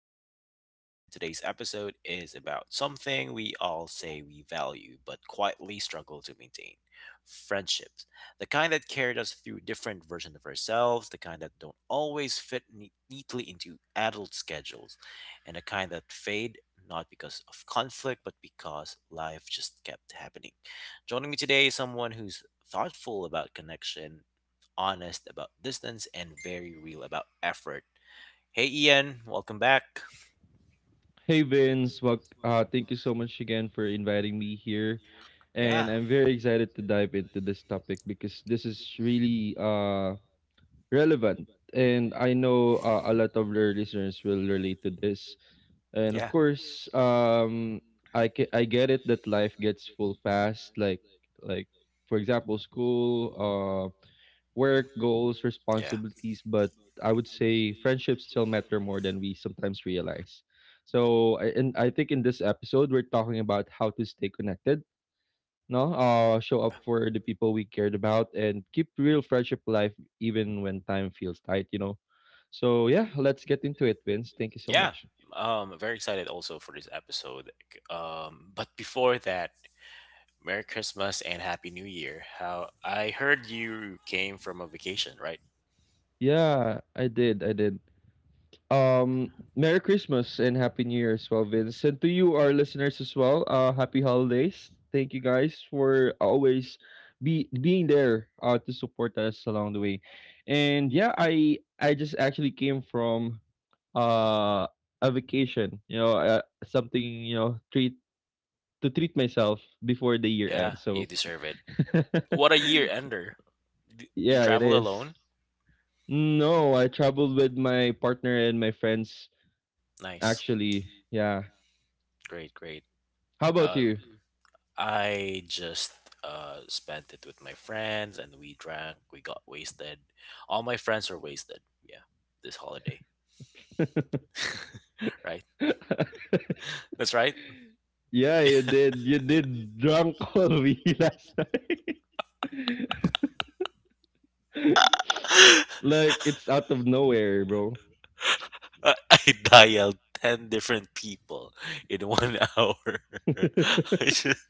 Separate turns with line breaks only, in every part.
Adulting with Vince. And today's episode is about something we all say we value but quietly struggle to maintain friendships. The kind that carried us through different versions of ourselves, the kind that don't always fit neatly into adult schedules, and the kind that fade not because of conflict but because life just kept happening. Joining me today is someone who's thoughtful about connection, honest about distance, and very real about effort. Hey Ian, welcome back.
Hey Vince, well, thank you so much again for inviting me here, and
Yeah,
I'm very excited to dive into this topic because this is really relevant, and I know a lot of your listeners will relate to this, and of
yeah,
course, I get it that life gets full fast, like like for example, school, work, goals,
yeah,
responsibilities, but I would say friendships still matter more than we sometimes realize. So, and I think in this episode, we're talking about how to stay connected, no? Show
yeah,
up for the people we cared about and keep real friendship alive even when time feels tight, you know? So, yeah, let's get into it, Vince. Thank you so
yeah.
much.
You. Very excited also for this episode. But before that, Merry Christmas and Happy New Year. How I heard you came from a vacation, right?
Yeah, I did. I did. Merry Christmas and Happy New Year as well, Vince. And to you, our listeners as well, Happy Holidays. Thank you guys for always be being there to support us along the way. And yeah, I just actually came from uh a vacation, you know, something treat to treat myself before the
the
year
Yeah,
ends.
you
So
deserve. What a year ender. You
yeah, it
traveled
is.
alone?
No, I traveled with my partner and my friends
Nice.
actually. Yeah.
Great, great.
How about
Uh,
you?
I just spent it with my friends and we drank, we got wasted. All my friends are wasted. Yeah, this holiday, right? That's right.
Yeah, you did. You did drunk Kobe last night.
I
Like it's out of nowhere, bro.
I dialed 10 different people in one hour. I just.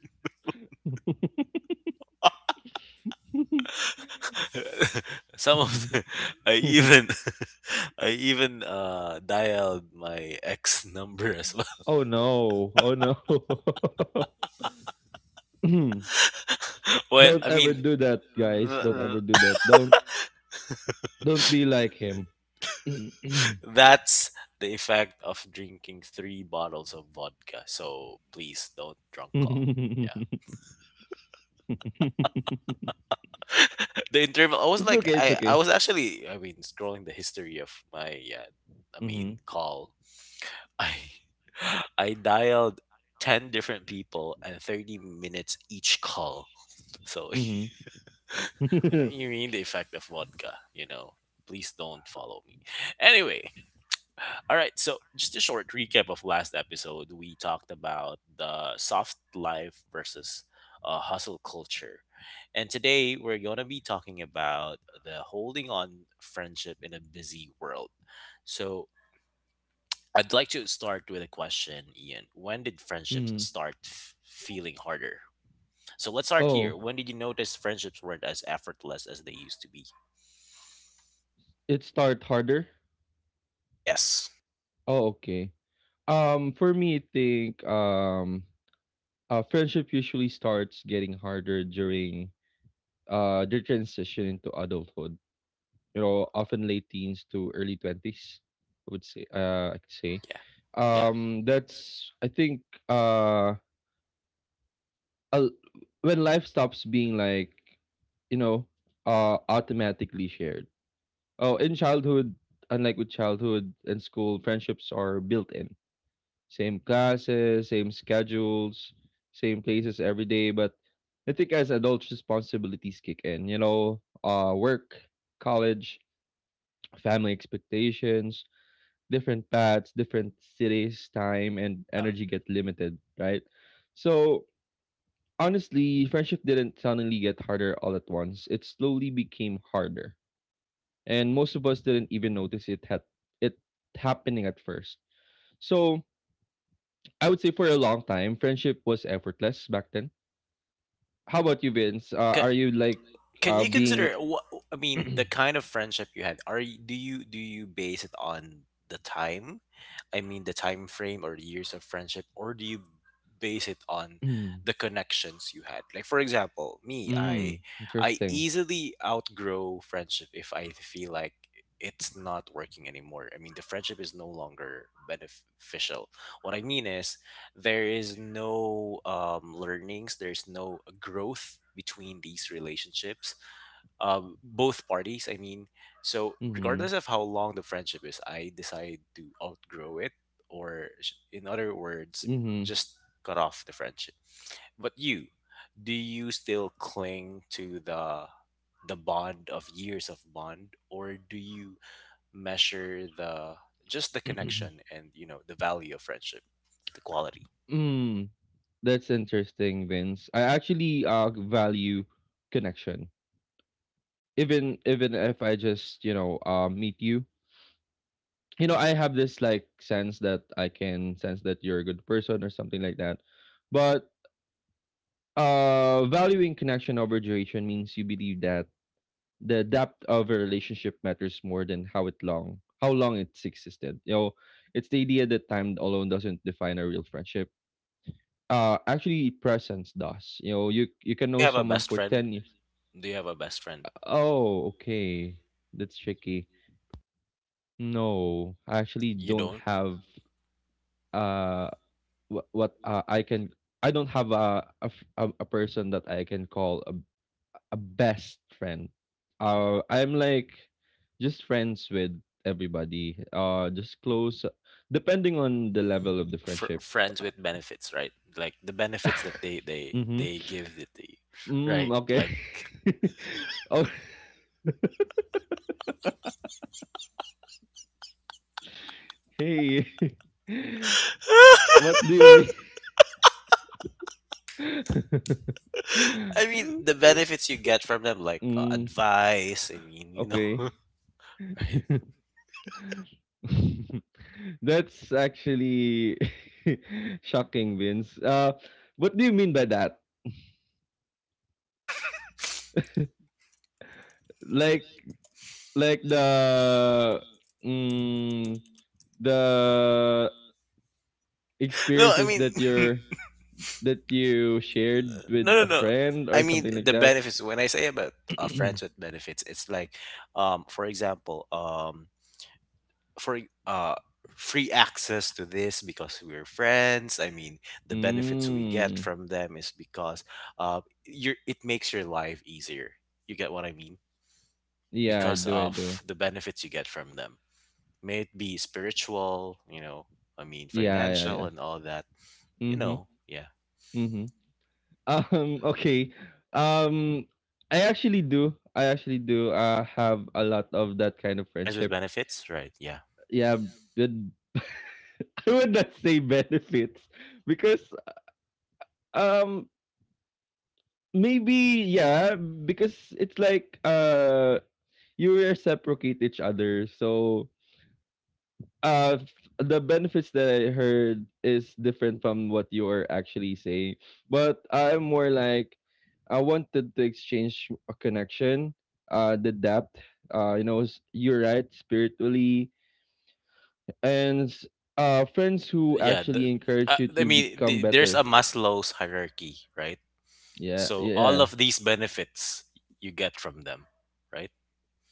Some of the, I even I even dialed my ex number as well.
Oh no! Oh no!
Well,
Don't
I
ever
mean,
do that, guys. Don't
th-
ever do that. Don't be like him. It's
that's the effect of drinking three bottles of vodka. So please don't drunk call. Yeah. The interval, I was like,
okay. It's
I
okay.
was actually, I mean, scrolling the history of my, yeah, I mean,
Mm-hmm.
call. I I dialed 10 different people and 30 minutes each call. So,
Mm-hmm. Mm-hmm.
you mean the effect of vodka, you know. Please don't follow me. Anyway, all right. So just a short recap of last episode. We talked about the soft life versus hustle culture. And today we're going to be talking about the holding on friendship in a busy world. So I'd like to start with a question, Ian. When did friendships start feeling harder? So let's start
Oh,
here. When did you notice friendships weren't as effortless as they used to be?
it start harder.
Yes.
Oh, okay. For me, I think friendship usually starts getting harder during the transition into adulthood. You know, often late teens to early 20s. I would say, I could say,
Yeah. Yeah. that
that's I think uh, uh, when life stops being like, you know, automatically shared. Oh, in childhood, unlike with childhood and school, friendships are built in same classes, same schedules, same places every day. But I think as adults, responsibilities kick in, you know, work, college, family expectations, different paths, different cities, time, and
Yeah.
energy get limited, right? So honestly, friendship didn't suddenly get harder all at once. It slowly became harder. And most of us didn't even notice it happening at first. So I would say for a long time, friendship was effortless back then. How about you, Vince?
Ca
Are you like
Can you
being
consider what I mean, the kind of friendship you had? Do you base it on the time? I mean the time frame or years of friendship, or do you base it on
mm,
the connections you had? Like for example, me, I
interesting.
easily outgrow friendship if I feel like it's not working anymore. I mean the friendship is no longer beneficial. What I mean is there is no learnings, there's no growth between these relationships, both parties, I mean, so
Mm-hmm.
regardless of how long the friendship is, I decide to outgrow it, in other words,
Mm-hmm.
just cut off the friendship. But you, do you still cling to the bond of years of bond, or do you measure the just the connection and, you know, the value of friendship, the quality?
Mm. That's interesting, Vince. I actually value connection. Even if I just, you know, meet you. You know, I have this like sense that I can sense that you're a good person or something like that. But valuing connection over duration means you believe that the depth of a relationship matters more than how long it's existed. You know, it's the idea that time alone doesn't define a real friendship. Actually presence does. You know, you
Do
can
you
know
have a
someone
best
for
friend?
10 years.
Do you have a best friend?
Oh, okay. That's tricky. No, I actually
You
don't
don't.
have uh what I can I don't have a, a person that I can call a best friend. I'm like just friends with everybody. Just close, depending on the level of the friendship.
Friends with benefits, right? Like the benefits that they they
Mm-hmm.
they give it to you,
Mm,
right?
okay.
Like,
Oh, hey. What do you mean?
I mean, the benefits you get from them, like,
Mm,
advice. I mean, you know,
okay.
right?
That's actually shocking, Vince. What do you mean by that? Like, Like the mm, the
No, I
experiences
mean,
that you're that you shared with
no, no,
a
no.
friend
I
or
mean,
something like
the
that?
benefits. When I say about, friends with benefits, it's like, for example, for uh free access to this because we're friends, I mean, the benefits we get
Mm.
from them is because, you, it makes your life easier. You get what I mean?
Yeah, I
Because
do, I do.
of the benefits you get from them, may it be spiritual, you know, I mean,
Yeah, yeah,
financial,
yeah.
and all that, you
Mhm,
know. Yeah,
mhm. Okay. Um, I actually do. I actually do, have a lot of that kind of
friends with
friendship.
benefits, right? Yeah.
Yeah, good. I would not say benefits because, um, maybe, yeah, because it's like you reciprocate each other. So uh f- the benefits that I heard is different from what you are actually saying. But I'm more like I wanted to exchange a connection, the depth, you know, you're right spiritually and friends who
Yeah, the,
actually encourage you
I
to
mean
become
the, there's
better.
a Maslow's hierarchy, right?
Yeah,
So all
yeah.
of these benefits you get from them, right?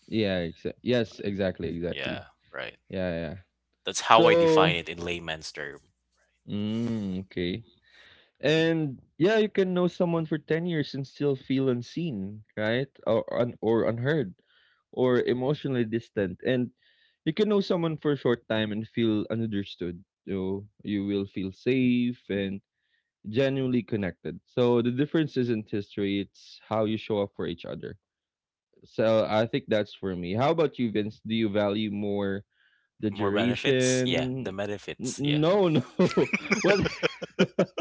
Yes, exactly, exactly.
Yeah, right.
Yeah, yeah.
That's how I
So,
define it in layman's term.
mm, okay. And yeah, you can know someone for 10 years and still feel unseen, right? Or unheard or emotionally distant. And you can know someone for a short time and feel understood. You will feel safe and genuinely connected. So the difference isn't history, it's how you show up for each other. So I think that's for me. How about you, Vince? Do you value more the
More benefits? Yeah, the
duration.
benefits. Yeah.
No. What?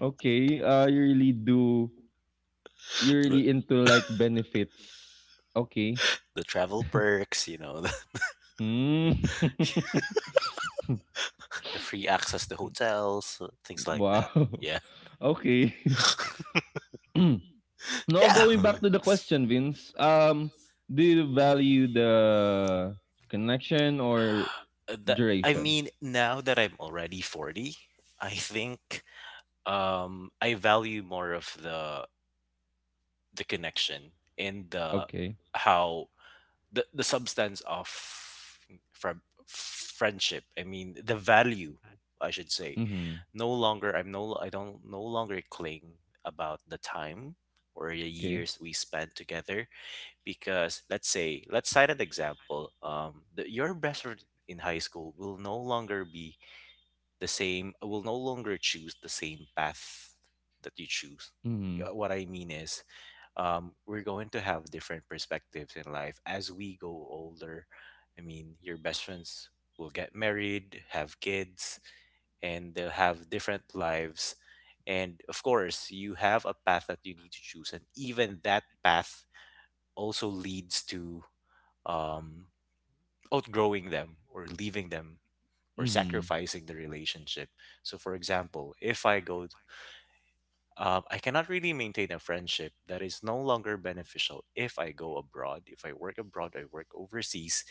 Okay. You really do. You're
The,
really into like benefits. Okay.
the travel perks, you know,
Mm.
the free access to hotels, things like that.
Wow.
Yeah.
Okay. Now
Yeah.
going back to the question, Vince. Do you value the connection or
That, I
duration?
mean, now that I'm already 40, I think I value more of the connection, and the okay,
Okay.
how the substance of from friendship, I mean the value, I should say.
Mm-hmm.
No longer, I'm no, I don't no longer cling about the time or the
Okay.
years we spent together. Because let's say, let's cite an example. Your best friend in high school will no longer be the same, will no longer choose the same path that you choose.
Mm-hmm.
Yeah, what I mean is, we're going to have different perspectives in life as we go older. I mean, your best friends will get married, have kids, and they'll have different lives. And of course, you have a path that you need to choose, and even that path also leads to, um, outgrowing them or leaving them or
Mm-hmm.
sacrificing the relationship. So, for example, if I go, I cannot really maintain a friendship that is no longer beneficial if I go abroad. If I work abroad, I work overseas,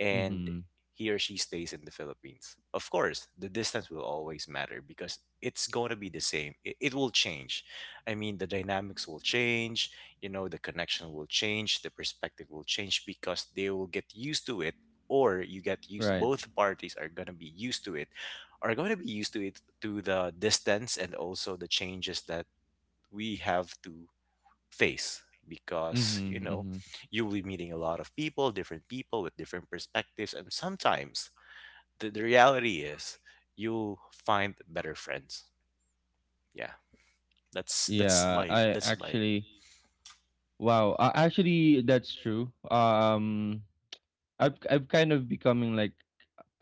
and
Mm-hmm.
he or she stays in the Philippines. Of course, the distance will always matter because it's going to be the same. It will change. I mean, the dynamics will change, you know, the connection will change, the perspective will change because they will get used to it, or you get used,
Right.
both parties are going to be used to it, are going to be used to it to the distance, and also the changes that we have to face because, you
Mhm,
know,
mhm.
you will be meeting a lot of people, different people with different perspectives, and sometimes the reality is you'll find better friends. Yeah, that's that's
Yeah,
my
I
that's my
actually wow, actually that's true. I've kind of becoming like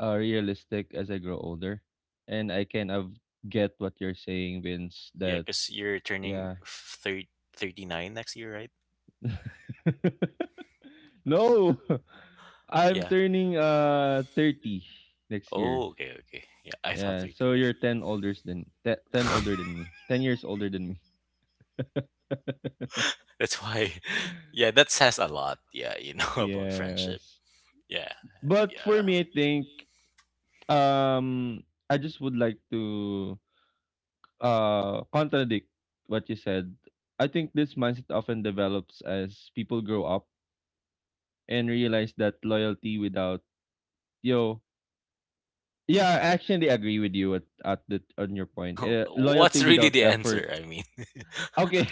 realistic as I grow older and I kind of get what you're saying,
Yeah,
Vince,
yeah,
that
because you're turning
yeah.
thirty nine next year, right?
No. I'm
Yeah.
turning 30 next year.
Oh, okay, okay, yeah, I thought
Yeah, so you're
39.
10 older 10 older than me. 10 years older than me.
That's why. Yeah, that says a lot, yeah, you know, about friendship.
Yes.
Yeah.
But for
Yeah.
me I think um, I just would like to contradict what you said. I think this mindset often develops as people grow up and realize that loyalty without yo yeah, I
Yeah.
actually agree with you at the on your point. Loyalty
What's really
without
the
effort.
answer? I mean,
Okay.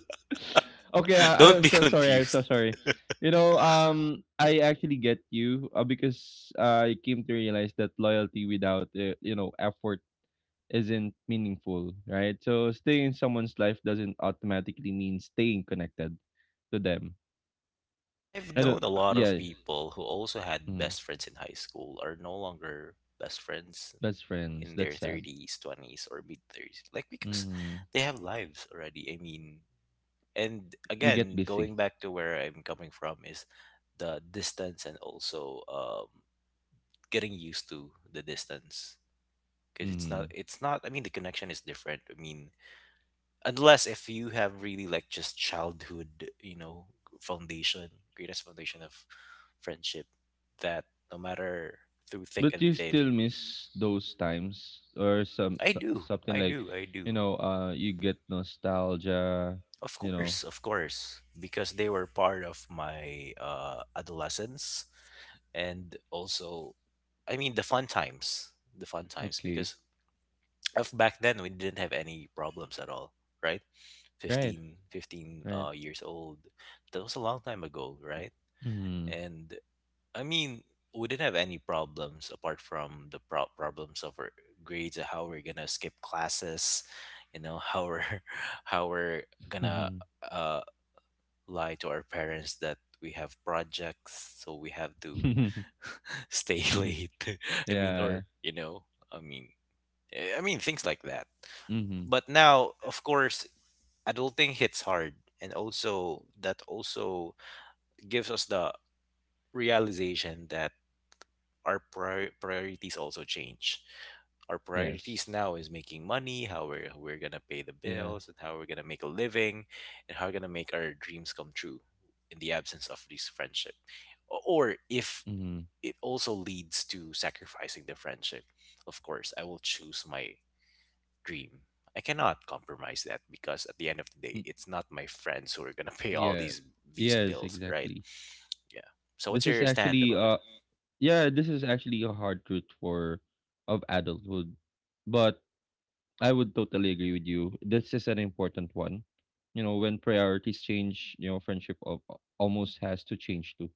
Okay,
don't
I'm
be
so sorry. I'm
confused.
so sorry. You know, I actually get you because I came to realize that loyalty without you know effort isn't meaningful, right? So staying in someone's life doesn't automatically mean staying connected to them.
And I've
I
known
don't.
a lot of
Yeah,
people who also had
mm,
best friends in high school are no longer best friends
that's
in
friends. That's
their
sad.
30s, 20s, or mid 30s. Like, because
Mm,
they have lives already. I mean, and
we
again,
get
going
busy.
back to where I'm coming from is the distance, and also getting used to the distance, because it's not
Mm.
it's not I mean the connection is different, I mean, unless if you have really like just childhood, you know, foundation, greatest foundation of friendship, that no matter through thick
But
and
you
thin.
still miss those times or
I do,
something
I do,
like,
I do.
you know, you get nostalgia.
Of
You know.
course, of course, because they were part of my adolescence, and also, I mean, the fun times, the fun times,
Okay.
because of back then we didn't have any problems at all, right?
Right.
15
Right.
years old. That was a long time ago, right?
Mm.
And I mean, we didn't have any problems apart from the problems of our grades, how we're gonna skip classes, you know, how we're how we're gonna, uh, lie to our parents that we have projects, so we have to stay late. I mean,
Yeah.
or you know, I mean, I mean things like that.
Mm.
But now, of course, adulting hits hard, and also that also gives us the realization that our priorities also change. Our priorities
Yes.
now is making money, how we're gonna pay the
Yeah.
bills, and how we're gonna make a living, and how we're gonna make our dreams come true in the absence of this friendship. Or if
Mm.
it also leads to sacrificing the friendship, of course I will choose my dream. I cannot compromise that because at the end of the day, it's not my friends who are gonna pay all
Yeah.
these
Yes,
bills, right?
exactly.
Yeah. So what's
This is
your stand
actually
about it?
yeah, this is actually a hard truth for of adulthood. But I would totally agree with you. This is an important one. You know, when priorities change, you know, friendship of almost has to change too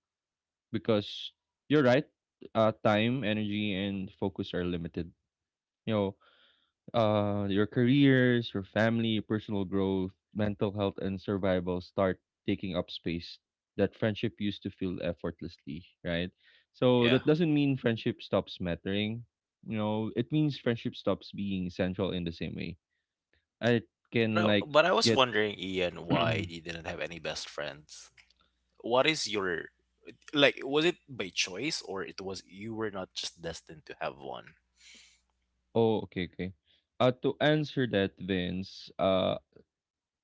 because you're right. Time, energy and focus are limited. You know, your careers, your family, personal growth, mental health, and survival start taking up space that friendship used to fill effortlessly, right? So
Yeah.
that doesn't mean friendship stops mattering. You know, it means friendship stops being central in the same way. I can like
But I was
get.
wondering, Ian,
Oh,
why you didn't have any best friends? What is your like? Was it by choice, or it was you were not just destined to have one?
okay, okay. To answer that, Vince,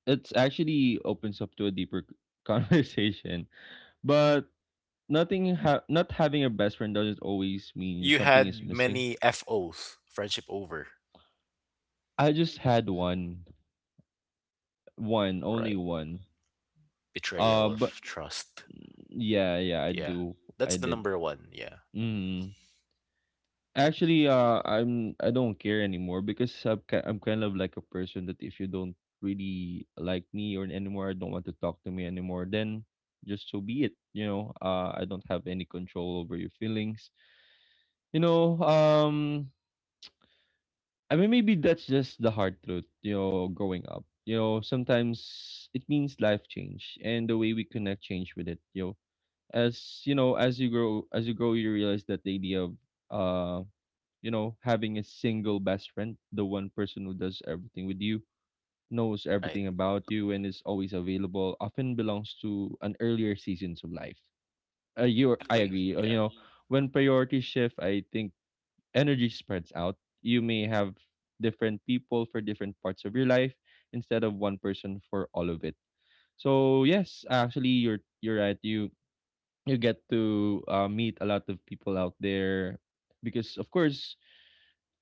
it's actually opens up to a deeper conversation, but nothing not having a best friend doesn't always mean
You
something is
had
missing.
many FOs, friendship over,
I just had one,
right?
only one.
Betrayal
But
of trust.
yeah, yeah, I
Yeah,
do. I
that's the
did.
number one. Yeah,
Mm. Actually, I'm I don't care anymore because I'm kind of like a person that if you don't really like me or anymore, don't want to talk to me anymore, then just so be it. You know, I don't have any control over your feelings. You know, I mean, maybe that's just the hard truth, you know, growing up. You know, sometimes it means life change and the way we connect change with it, you know. As you know, as you grow you realize that the idea of uh you know, having a single best friend, the one person who does everything with you, knows
right.
everything about you and is always available, often belongs to an earlier seasons of life. You I
Exactly.
agree. You
Yeah.
know, when priorities shift, I think energy spreads out. You may have different people for different parts of your life instead of one person for all of it. So yes, actually you're right. You get to meet a lot of people out there because of course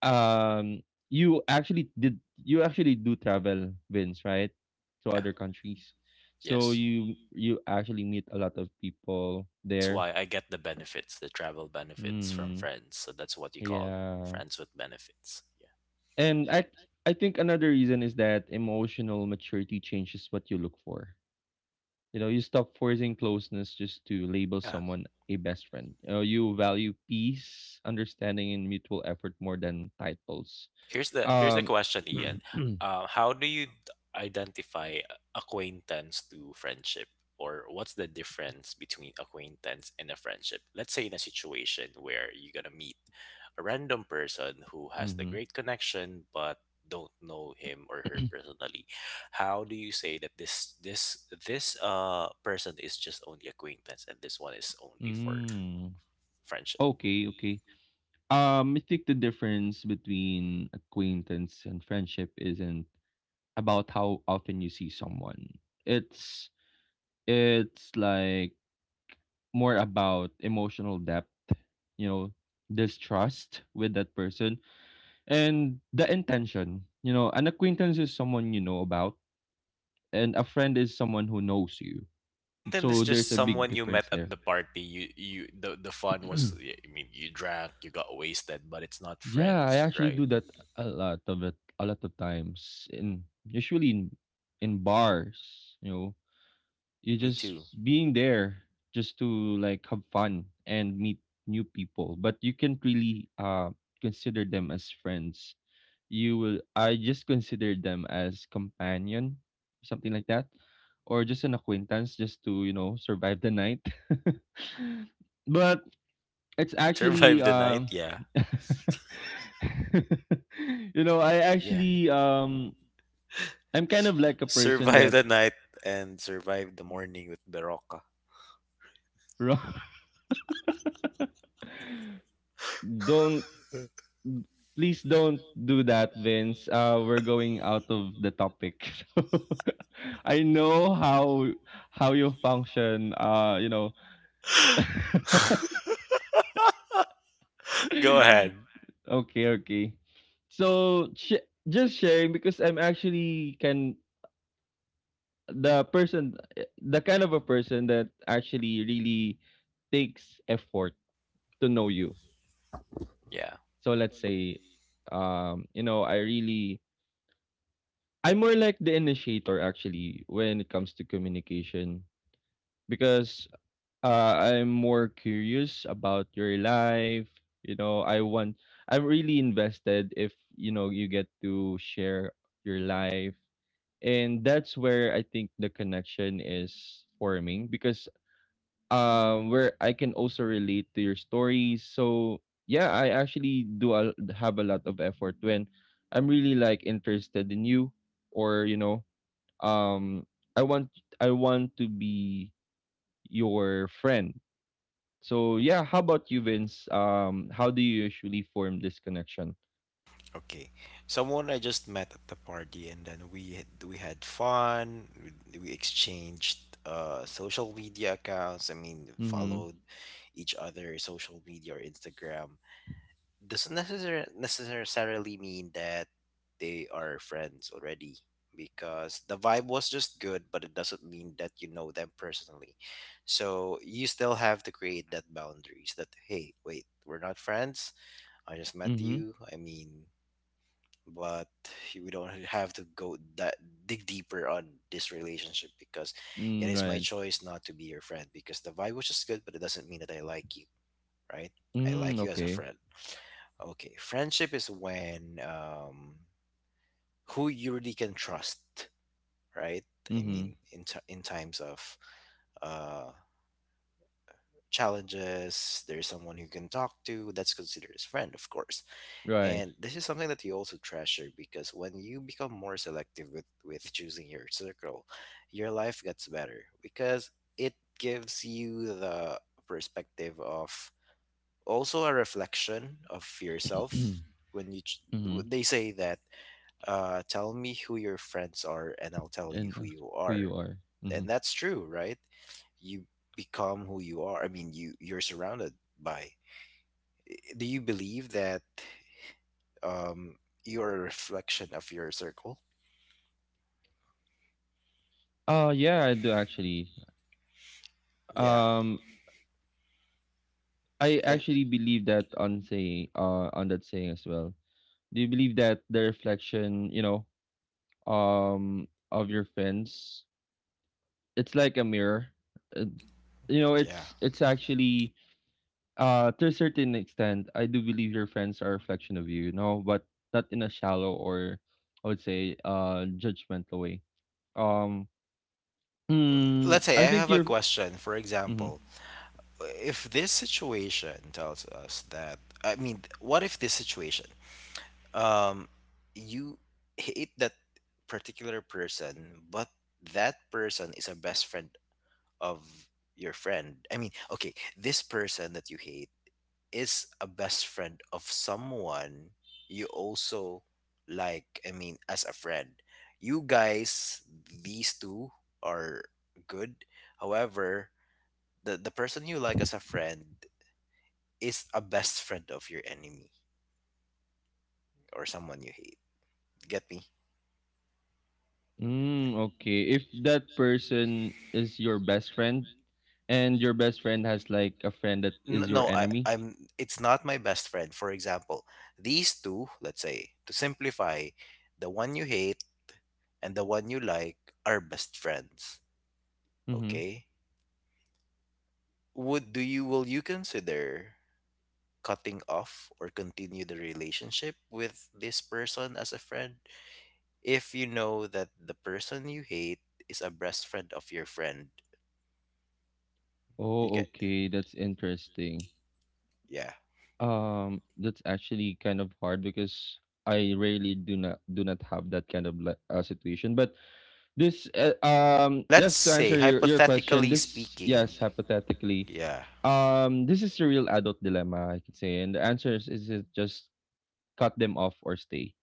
um you actually do travel, Vince, right? To
Yeah.
other countries. So
Yes.
you actually meet a lot of people
That's
there.
why I get the benefits, the travel benefits from
Mm,
friends. So that's what you call
yeah.
friends with benefits.
And I think another reason is that emotional maturity changes what you look for. You know, you stop forcing closeness just to label
Yeah. Yeah.
someone a best friend. You value peace, understanding, and mutual effort more than titles.
Here's the
Um,
question, Ian.
mm-hmm.
How do you identify acquaintance to friendship, or what's the difference between acquaintance and a friendship? Let's say in a situation where you're gonna meet a random person who has the great connection but don't know him or her personally. How do you say that this person is just only acquaintance, and this one is only for
Mm.
friendship?
Okay, okay. I think the difference between acquaintance and friendship isn't about how often you see someone. It's it's like more about emotional depth, you know, this trust with that person and the intention. You know, an acquaintance is someone you know about, and a friend is someone who knows you.
Acquaintance is
So
just
there's a big
someone you met
difference
at
there.
the party. You the fun was, yeah, I mean, you drank, you got wasted, but it's not
Yeah, I
friends,
actually
right?
do that a lot of it, a lot of times, in usually in bars. You know,
Yeah,
you
me
just
too.
being there just to like have fun and meet new people but you can't really consider them as friends. You will i just consider them as companion, something like that, or just an acquaintance just to survive the night. But it's actually
Survive the night, yeah.
I
Yeah.
actually I'm kind of like a person
Survive
that
the night and survive the morning with Berocca.
don't please don't do that, Vince. We're going out of the topic. So I know how you function.
Go ahead.
Okay, okay. So sh- just sharing because I'm actually can the person, the kind of a person that actually really takes effort to know you.
Yeah.
So let's say, um, you know, I really I'm more like the initiator actually when it comes to communication because I'm more curious about your life. You know, I want, I'm really invested if, you know, you get to share your life. And that's where I think the connection is forming because where I can also relate to your stories. So, yeah, I actually do a, have a lot of effort when I'm really like interested in you, or, you know, um, I want I want to be your friend. So yeah, how about you, Vince? How do you usually form this connection?
Okay. Someone I just met at the party and then we had fun. We exchanged social media accounts. I mean,
Mm-hmm.
followed each other social media or Instagram. Doesn't necessar- Necessarily mean that they are friends already because the vibe was just good, but it doesn't mean that you know them personally. So you still have to create that boundaries that hey, wait, we're not friends. I just met
Mm-hmm.
you. I mean, but we don't have to go that dig deeper on this relationship because
Mm,
it is
right.
my choice not to be your friend because the vibe was just good, but it doesn't mean that I like you, right? I
Mm,
like you as a
okay.
friend. Okay, friendship is when who you really can trust, right? I
Mm-hmm.
mean in times of uh challenges, there's someone who can talk to that's considered as friend, of course.
Right.
And this is something that you also treasure because when you become more selective with choosing your circle, your life gets better because it gives you the perspective of also a reflection of yourself. When you ch-
Mm-hmm.
w- they say that, tell me who your friends are, and I'll tell you
And
who
that's
you
who
are,
you are. Mm-hmm.
and that's true, right? You become who you are. I mean, you you're surrounded by. Do you believe that um, you're a reflection of your circle?
Uh, yeah, I do actually.
Yeah.
Um, I
I-
actually believe that on that saying as well. Do you believe that the reflection, you know, of your friends, it's like a mirror. Uh, you know,
yeah.
it's actually. To a certain extent, I do believe your friends are a reflection of you, you know, but not in a shallow or, I would say, judgmental way. Um, mm,
Let's say
I
I
think
have a
you're.
question. For
Mm,
example, if this situation tells us that, I mean, what if this situation, um, you hate that particular person, but that person is a best friend of your friend. I mean, okay, this person that you hate is a best friend of someone you also like, I mean, as a friend. You guys, these two are good. However, the person you like as a friend is a best friend of your enemy or someone you hate. Get me?
mm, okay, if that person is your best friend and your best friend has like a friend that
N-
is your
no i
enemy.
i'm it's not my best friend. For example, these two, let's say to simplify, the one you hate and the one you like are best friends.
Mm-hmm.
Okay. Would do you Will you consider cutting off or continue the relationship with this person as a friend if you know that the person you hate is a best friend of your friend? You
Oh,
get,
okay, that's interesting.
yeah.
That's actually kind of hard because I really do not have that kind of like, situation, but This
Let's
just to
say
answer your question,
hypothetically
this
speaking,
yes, hypothetically.
yeah.
Um, this is a real adult dilemma, I could say. And the answer is it just cut them off or stay.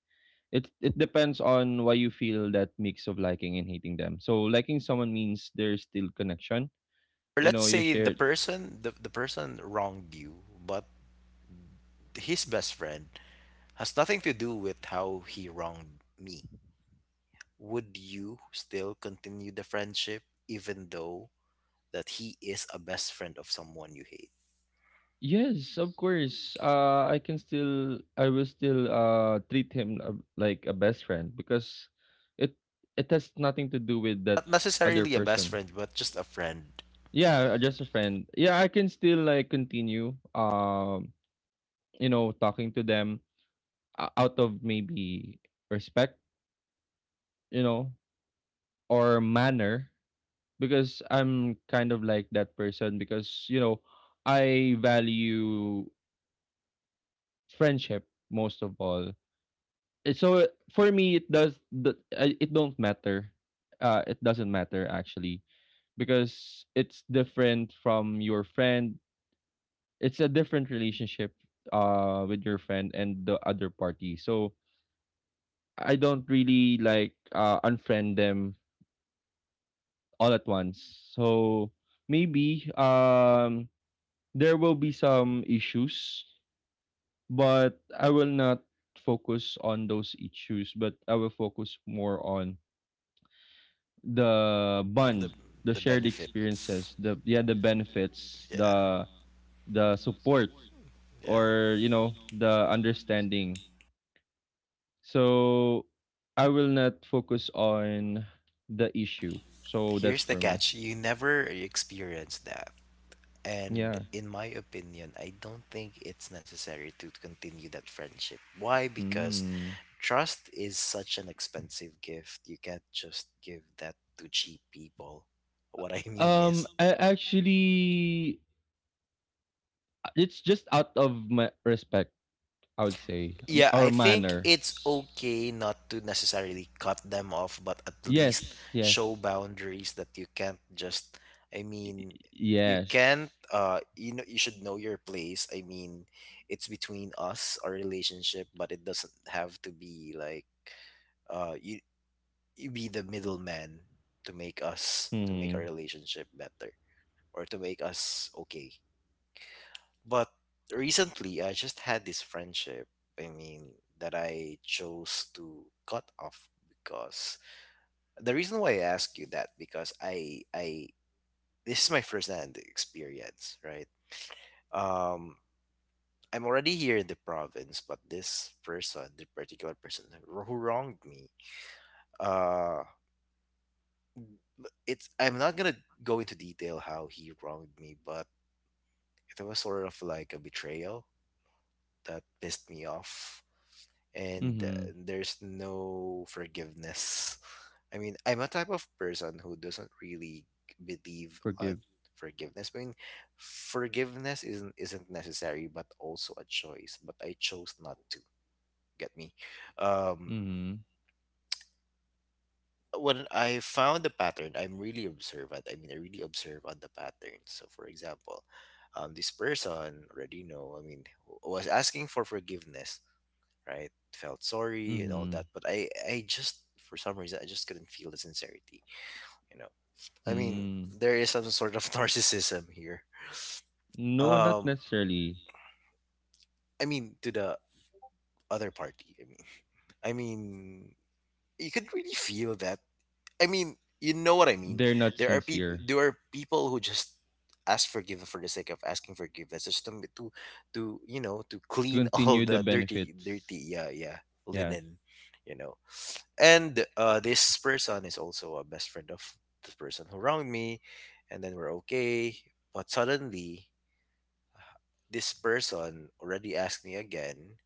It depends on why you feel that mix of liking and hating them. So liking someone means there's still connection.
Or
You
let's
know, you
say
share.
the person wronged you, but his best friend has nothing to do with how he wronged me. Would you still continue the friendship even though that he is a best friend of someone you hate?
Yes, of course. I will still treat him, like a best friend because it it has nothing to do with that
Not
other
necessarily a best
person.
friend, but just a friend.
Yeah, just a friend. Yeah, I can still like continue you know, talking to them out of maybe respect, you know, or manner because I'm kind of like that person, because you know I value friendship most of all. So for me it don't matter. Uh, it doesn't matter actually, because it's different from your friend, it's a different relationship with your friend and the other party. So I don't really like unfriend them all at once. So maybe, there will be some issues, but I will not focus on those issues. But I will focus more on the bond,
The
the
the
shared
benefits.
experiences, the benefits,
Yeah.
the support,
Yeah.
or you know, the understanding. So I will not focus on the issue. So that's
Here's the
for me.
catch. You never experience that. And
Yeah.
in my opinion, I don't think it's necessary to continue that friendship. Why? Because
Hmm.
trust is such an expensive gift. You can't just give that to cheap people. What I mean is,
I actually, it's just out of my respect, I would say,
yeah,
our
I think
manners.
it's okay not to necessarily cut them off, but at least
Yes,
show
yes,
boundaries that you can't just, I mean, you can't,
yes.
you know, you should know your place. I mean, it's between us, our relationship, but it doesn't have to be like, you, you be the middleman to make us, to make
Hmm.
our relationship better or to make us okay. But recently, I just had this friendship, I mean, that I chose to cut off because the reason why I ask you that because I this is my first hand experience, right? Um I'm already here in the province, but this person, the particular person who wronged me, uh it's I'm not gonna go into detail how he wronged me, but it was sort of like a betrayal that pissed me off and
Hmm.
there's no forgiveness. I mean, I'm a type of person who doesn't really believe on
Forgive.
forgiveness. I mean, forgiveness isn't necessary, but also a choice. But I chose not to. Get me? Um,
Hmm.
when I found the pattern, I'm really observant. I mean, I really observe on the pattern. So, for example, this person already know. I mean, was asking for forgiveness, right? Felt sorry and all
Hmm.
that, but I just for some reason I just couldn't feel the sincerity, you know. I mean,
Hmm.
there is some sort of narcissism here.
No, not
Um,
necessarily.
I mean to the other party. I mean, you could really feel that. I mean, you know what I mean.
They're not
There are people.
sincere.
There are people who just ask forgiveness for the sake of asking forgiveness, just to you know to
To
clean all
continue the
the dirty,
benefits.
dirty, yeah, yeah,
Yeah.
linen, you know, and this person is also a best friend of the person who wronged me, and then we're okay, but suddenly this person already asked me again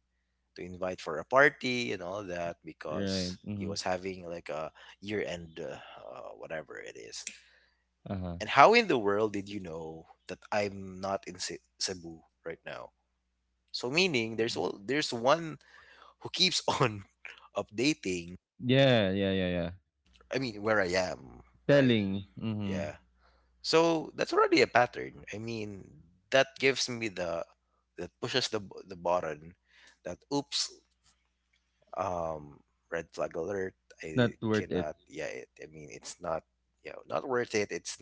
to invite for a party and all that
Right.
because he
Hmm.
was having like a year end whatever it is.
Uh huh.
And how in the world did you know that I'm not in Cebu right now? So meaning there's one who keeps on updating,
Yeah, yeah, yeah, yeah.
I mean, where I am, right?
Telling. Mhm.
Yeah. So that's already a pattern. I mean, that gives me the that pushes the button that oops, um, red flag alert.
It's
I
not worth it.
cannot. Yeah, it, I mean, it's not. Yeah, not worth it. It's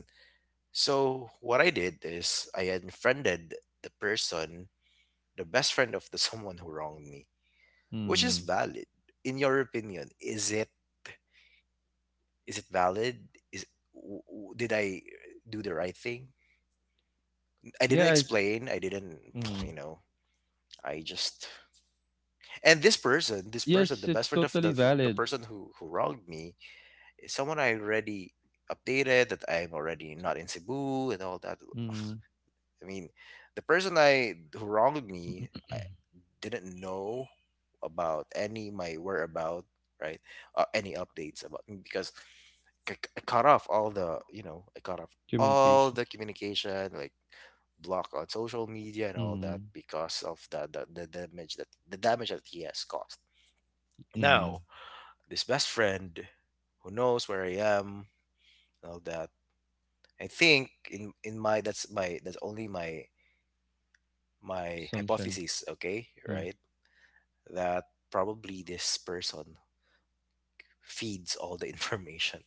so. What I did is I unfriended the person, the best friend of the someone who wronged me, which is
Mhm.
valid. In your opinion, is it valid? Did I do the right thing? I didn't
Yeah.
explain. I didn't, you
Mhm.
know, I just and this person,
Yes,
the
it's
best friend of
totally
the
valid.
person who wronged me is someone I already updated that I'm already not in Cebu and all that.
Mhm.
I mean, the person I who wronged me, I, didn't know about any my whereabout, right? Uh, any updates about me because I cut off all the you know I cut off all
Communication.
the communication like block on social media and all that
Mhm.
because of the damage that he has caused.
Mhm.
Now this best friend who knows where I am and all that, I think in my that's only my my
Assumption.
hypothesis, okay,
Yeah.
right, that probably this person feeds all the information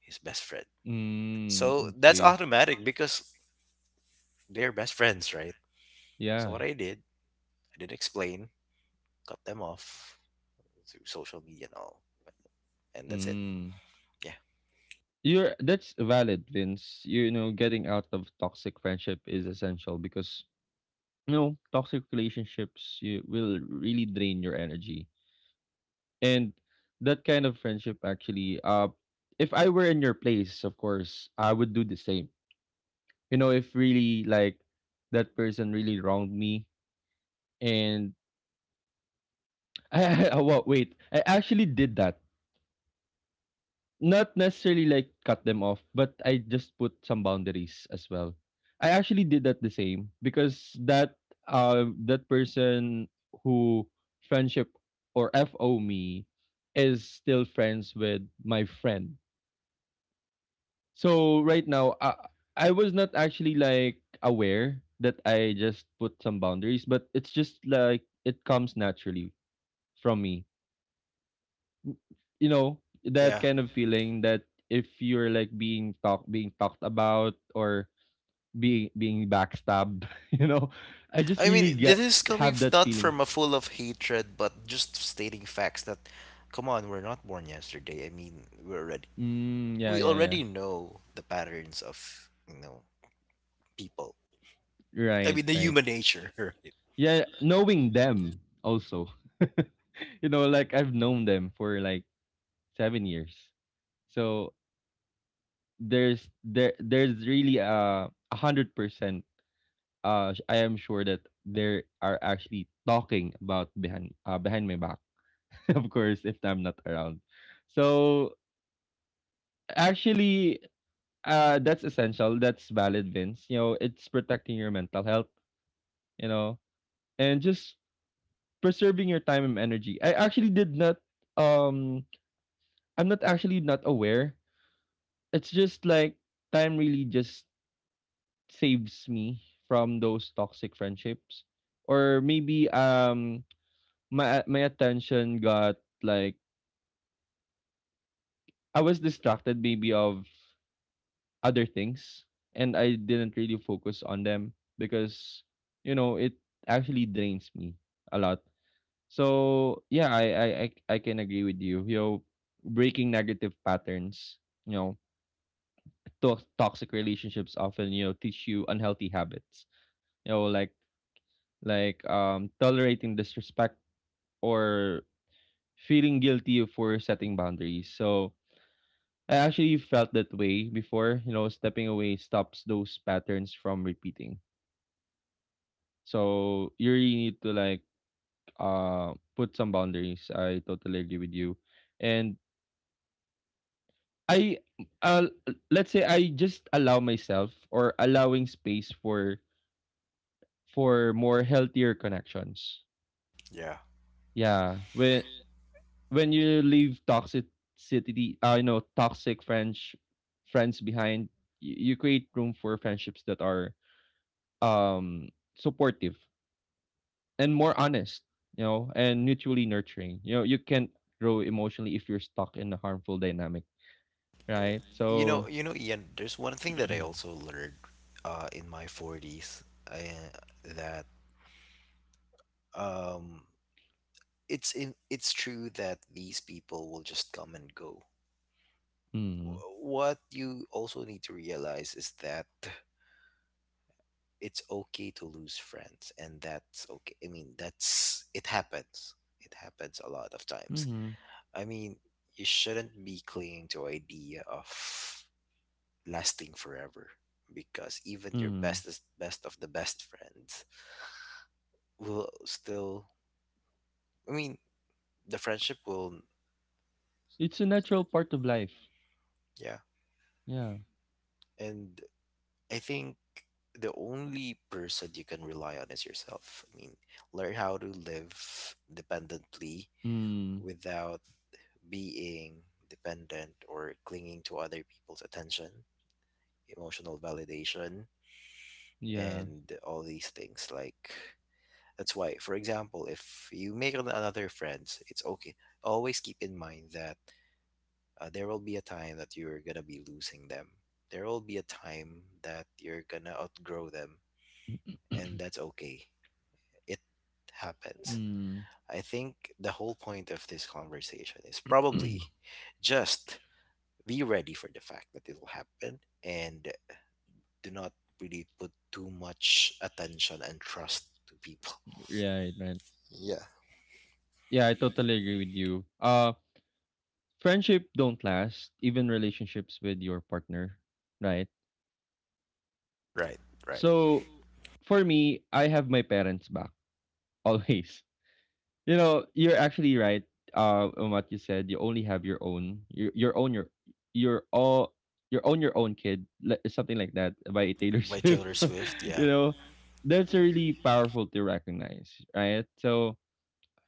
his best friend.
Mm.
So that's
Okay.
automatic because they're best friends, right? So
Yeah.
what I did, I did explain, cut them off through social media and all, and that's it.
Mm.
Yeah.
You're that's valid, Vince. You know, getting out of toxic friendship is essential because you know toxic relationships you will really drain your energy. And that kind of friendship actually, if I were in your place, of course I would do the same. You know, if really like that person really wronged me. And wait, I actually did that, not necessarily like cut them off, but I just put some boundaries as well. I actually did that the same because that, that person who friendship or fo me is still friends with my friend. So right now, I was not actually like aware that I just put some boundaries, but it's just like it comes naturally from me. You know, that
Yeah,
kind of feeling that if you're like being talked about or being backstabbed, you know, I just
I mean,
really
this
get
is coming
have that
not
feeling.
from a full of hatred but just stating facts that come on, we're not born yesterday. I mean, we're already
Mm, yeah,
we
yeah, yeah.
already know the patterns of you know people. I
Right,
mean, the
right.
human nature, right?
Yeah, knowing them also. You know, like I've known them for like 7 years. So there's really 100%. I am sure that there are actually talking about behind behind my back, of course, if I'm not around. So actually, that's essential. That's valid, Vince. You know, it's protecting your mental health. You know, and just preserving your time and energy. I actually did not. Um, I'm not actually not aware. It's just like time really just saves me from those toxic friendships, or maybe my attention got like I was distracted maybe of other things, and I didn't really focus on them because you know it actually drains me a lot. So yeah, I can agree with you. You know, breaking negative patterns, you know, toxic relationships often, you know, teach you unhealthy habits. You know, like tolerating disrespect or feeling guilty for setting boundaries. So I actually felt that way before, you know, stepping away stops those patterns from repeating. So you really need to like put some boundaries. I totally agree with you. And I, uh let's say I just allow myself or allowing space for more healthier connections.
Yeah.
Yeah. When you leave toxicity, you know, toxic French friends behind, you create room for friendships that are um supportive and more honest, you know, and mutually nurturing. You know, you can't grow emotionally if you're stuck in a harmful dynamic, right? So,
You know, Ian, there's one thing that I
mm,
also learned in my 40s, uh, that um, it's in, it's true that these people will just come and go.
mm-hmm,
What you also need to realize is that it's okay to lose friends, and that's okay. I mean, that's it happens. It happens a lot of times. I mean, you shouldn't be clinging to idea of lasting forever because even your
mm.
bestest best of the best friends will still I mean the friendship will
It's a natural part of life.
yeah
Yeah.
and I think the only person you can rely on is yourself. I mean, learn how to live dependently
Mm,
without being dependent or clinging to other people's attention, emotional validation,
yeah.
and all these things like that's why, for example, if you make another friends, it's okay. Always keep in mind that there will be a time that you're gonna be losing them. There will be a time that you're gonna outgrow them, and that's okay. It happens.
Mm.
I think the whole point of this conversation is probably just be ready for the fact that it will happen and do not really put too much attention and trust to people.
Right, right.
Yeah.
Yeah, I totally agree with you. Friendship don't last, even relationships with your partner, right?
Right. Right.
So for me I have my parents back always. You know, you're actually right on what you said. You only have your own, your own, your all, your own kid, something like that by Taylor
By
Swift.
Taylor Swift,
You
yeah.
know, that's really powerful to recognize, right? So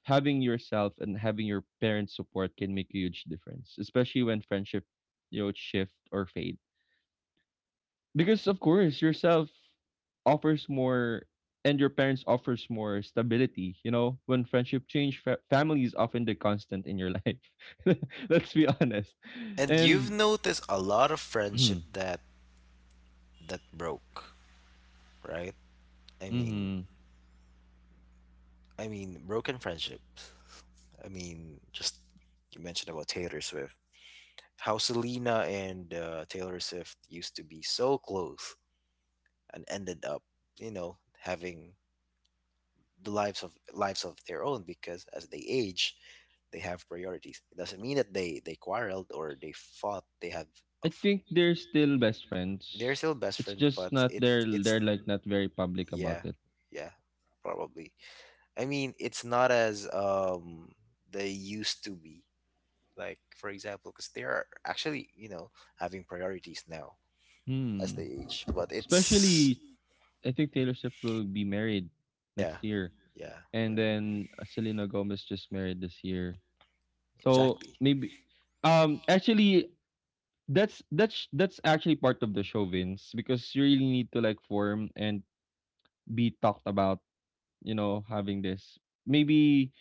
having yourself and having your parents support can make a huge difference, especially when friendship, you know, shift or fade. Because of course yourself offers more, and your parents offers more stability. You know, when friendship change, family is often the constant in your life. Let's be honest.
And you've
And
noticed a lot of friendship that that broke, right? I mean,
mhm,
I mean broken friendships. I mean, just you mentioned about Taylor Swift. How Selena and Taylor Swift used to be so close and ended up, you know, having the lives of their own because as they age, they have priorities. It doesn't mean that they quarreled or they fought. They have
I think they're still best
they're
friends.
still best
It's
friend,
just
but
not
it
They're
it's
like
n-
not very public about
yeah,
it.
yeah, probably. I mean, it's not as they used to be. Like for example, because they are actually you know having priorities now as they
Hmm,
age, but it's
especially I think Taylor Swift will be married
yeah,
next year,
yeah, yeah,
and then, Selena Gomez just married this year. So
exactly,
maybe, actually, that's actually part of the show, Vince, because you really need to like form and be talked about, you know, having this. Maybe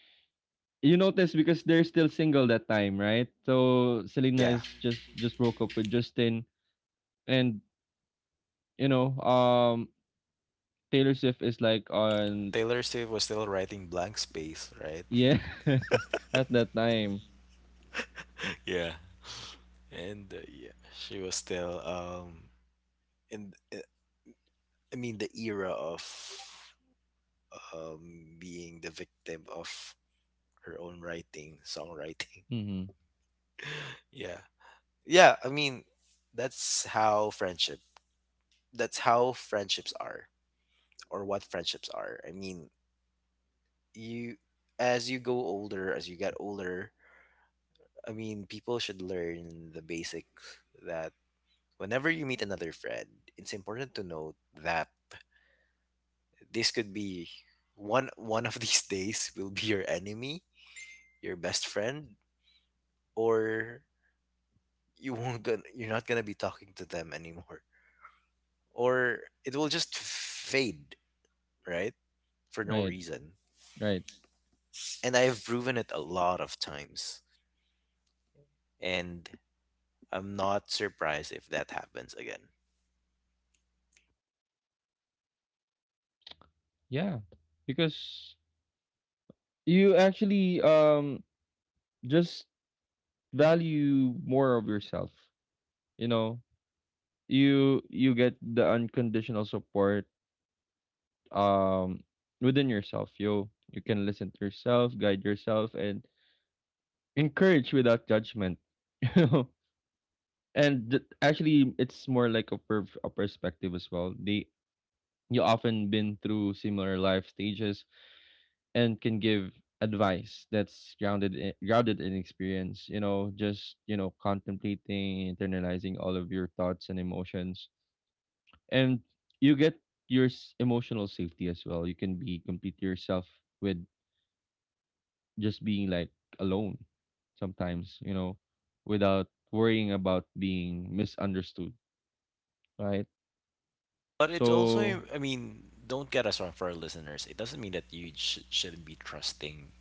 you notice because they're still single that time, right? So Selena
yeah.
is just broke up with Justin. And you know, Taylor Swift is like on,
Taylor Swift was still writing blank space, right?
yeah. At that time.
Yeah, and yeah, she was still in. I mean, the era of being the victim of her own writing, songwriting.
Mhm.
Yeah. Yeah, I mean, that's how that's how friendships are, or what friendships are. I mean, you, as you get older, I mean, people should learn the basics that whenever you meet another friend, it's important to note that this could be one of these days will be your enemy, your best friend, or you're not gonna be talking to them anymore, or it will just fade, right, for no
Right.
reason.
Right.
And I have proven it a lot of times, and I'm not surprised if that happens again.
Yeah. Because you actually just value more of yourself. You know, you get the unconditional support, um within yourself. You can listen to yourself, guide yourself, and encourage without judgment. You know, and actually it's more like a perspective as well. They you often been through similar life stages and can give advice that's grounded in experience. You know, just you know contemplating, internalizing all of your thoughts and emotions. And you get your emotional safety as well. You can be complete yourself with just being like alone sometimes, you know, without worrying about being misunderstood, right?
But it's
So
also, I mean, don't get us wrong, for our listeners, it doesn't mean that you shouldn't be trusting,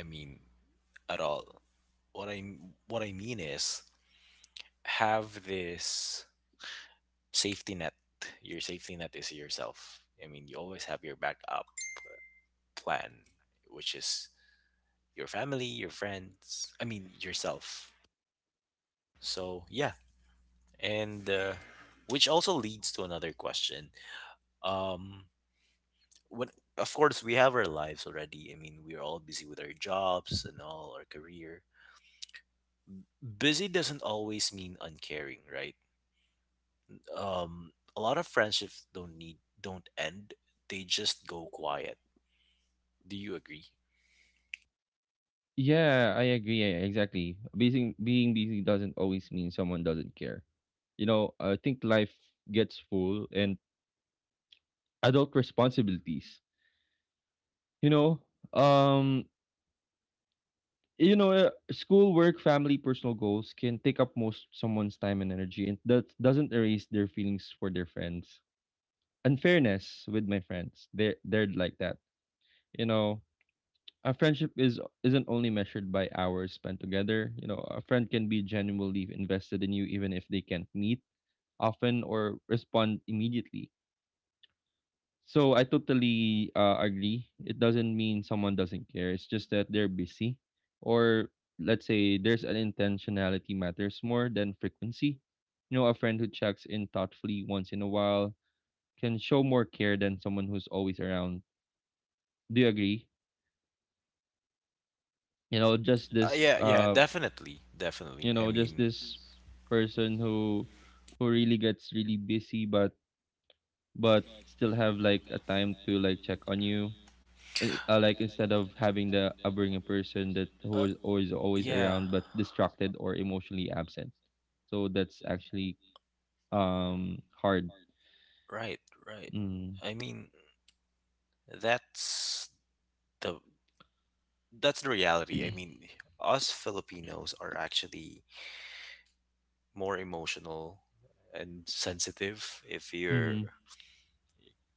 I mean, at all. What I what I mean is have this safety net. Your safety net is yourself. I mean, you always have your backup plan, which is your family, your friends. I mean, yourself. So yeah, and which also leads to another question. Um, when of course we have our lives already. I mean, we're all busy with our jobs and all our career. Busy doesn't always mean uncaring, right? A lot of friendships don't end. They just go quiet. Do you agree?
yeah, I agree. Yeah, exactly, being busy doesn't always mean someone doesn't care. You know, I think life gets full, and adult responsibilities, you know, um. You know, school, work, family, personal goals can take up most someone's time and energy, and that doesn't erase their feelings for their friends. Unfairness with my friends, they're like that. You know, a friendship is isn't only measured by hours spent together. You know, a friend can be genuinely invested in you even if they can't meet often or respond immediately. So I totally agree. It doesn't mean someone doesn't care. It's just that they're busy, or let's say there's an intentionality matters more than frequency. You know, a friend who checks in thoughtfully once in a while can show more care than someone who's always around. Do you agree? You know, just this
Yeah, yeah,
uh,
definitely, definitely.
you
I
know, just
mean,
this person who really gets really busy, but still have like a time to like check on you, like instead of having the a person that
uh,
who is always
yeah,
around but distracted or emotionally absent. So that's actually hard.
right, right.
Mm.
I mean, that's the that's the reality. I mean, us Filipinos are actually more emotional and sensitive. If you're
Mm-hmm.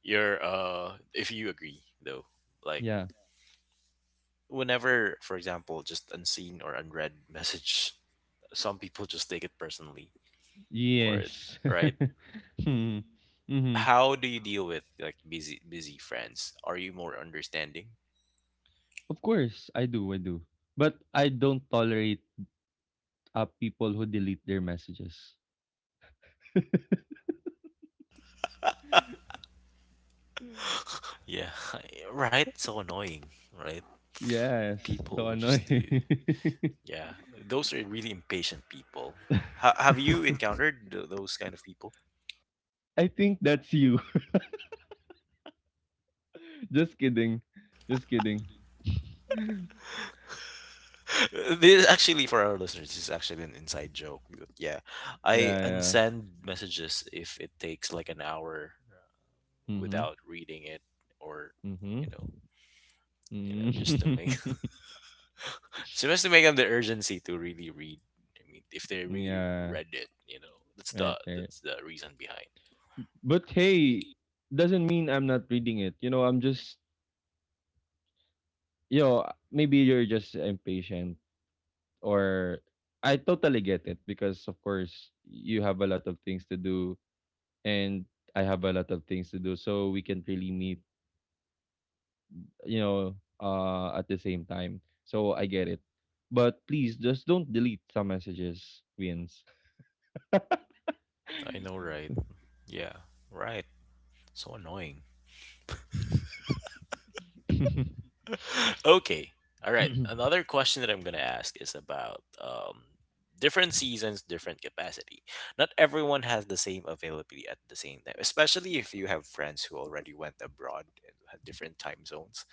your if you agree though, like
Yeah.
whenever, for example, just unseen or unread message, some people just take it personally, or
Yes.
right.
Mm-hmm.
How do you deal with like busy friends? Are you more understanding?
Of course I do, but I don't tolerate people who delete their messages.
Yeah. Right, so annoying, right?
Yes,
People
so
who just do.
annoying.
Yeah, those are really impatient people. Have you encountered those kind of people?
I think that's you. Just kidding, just kidding.
This actually, for our listeners, this is actually an inside joke. Yeah, I
Yeah, yeah.
unsend messages if it takes like an hour
Mhm.
without reading it, or
Mhm.
you know,
Mm.
just to make just to make them the urgency to really read. I mean, if they really
Yeah.
read it, you know,
Right, there.
that's the reason behind.
But hey, doesn't mean I'm not reading it. You know, I'm just, you know, maybe you're just impatient, or I totally get it because of course you have a lot of things to do, and I have a lot of things to do, so we can't really meet, you know, at the same time. So I get it. But please just don't delete some messages, Wins.
I know, right? Yeah, right. So annoying. Okay. All right. Another question that I'm going to ask is about different seasons, different capacity. Not everyone has the same availability at the same time, especially if you have friends who already went abroad and have different time zones.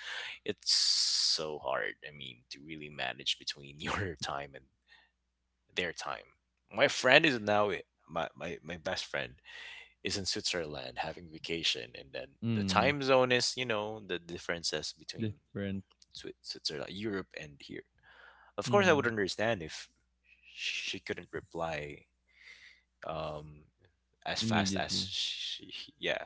It's so hard, I mean, to really manage between your time and their time. My friend is now. My best friend is in Switzerland having vacation, and then the
Mm,
time zone is, you know, the differences between
different.
Switzerland, Europe, and here. Of course, I would
Mm,
understand if she couldn't reply, um, as fast as
immediately.
she, yeah,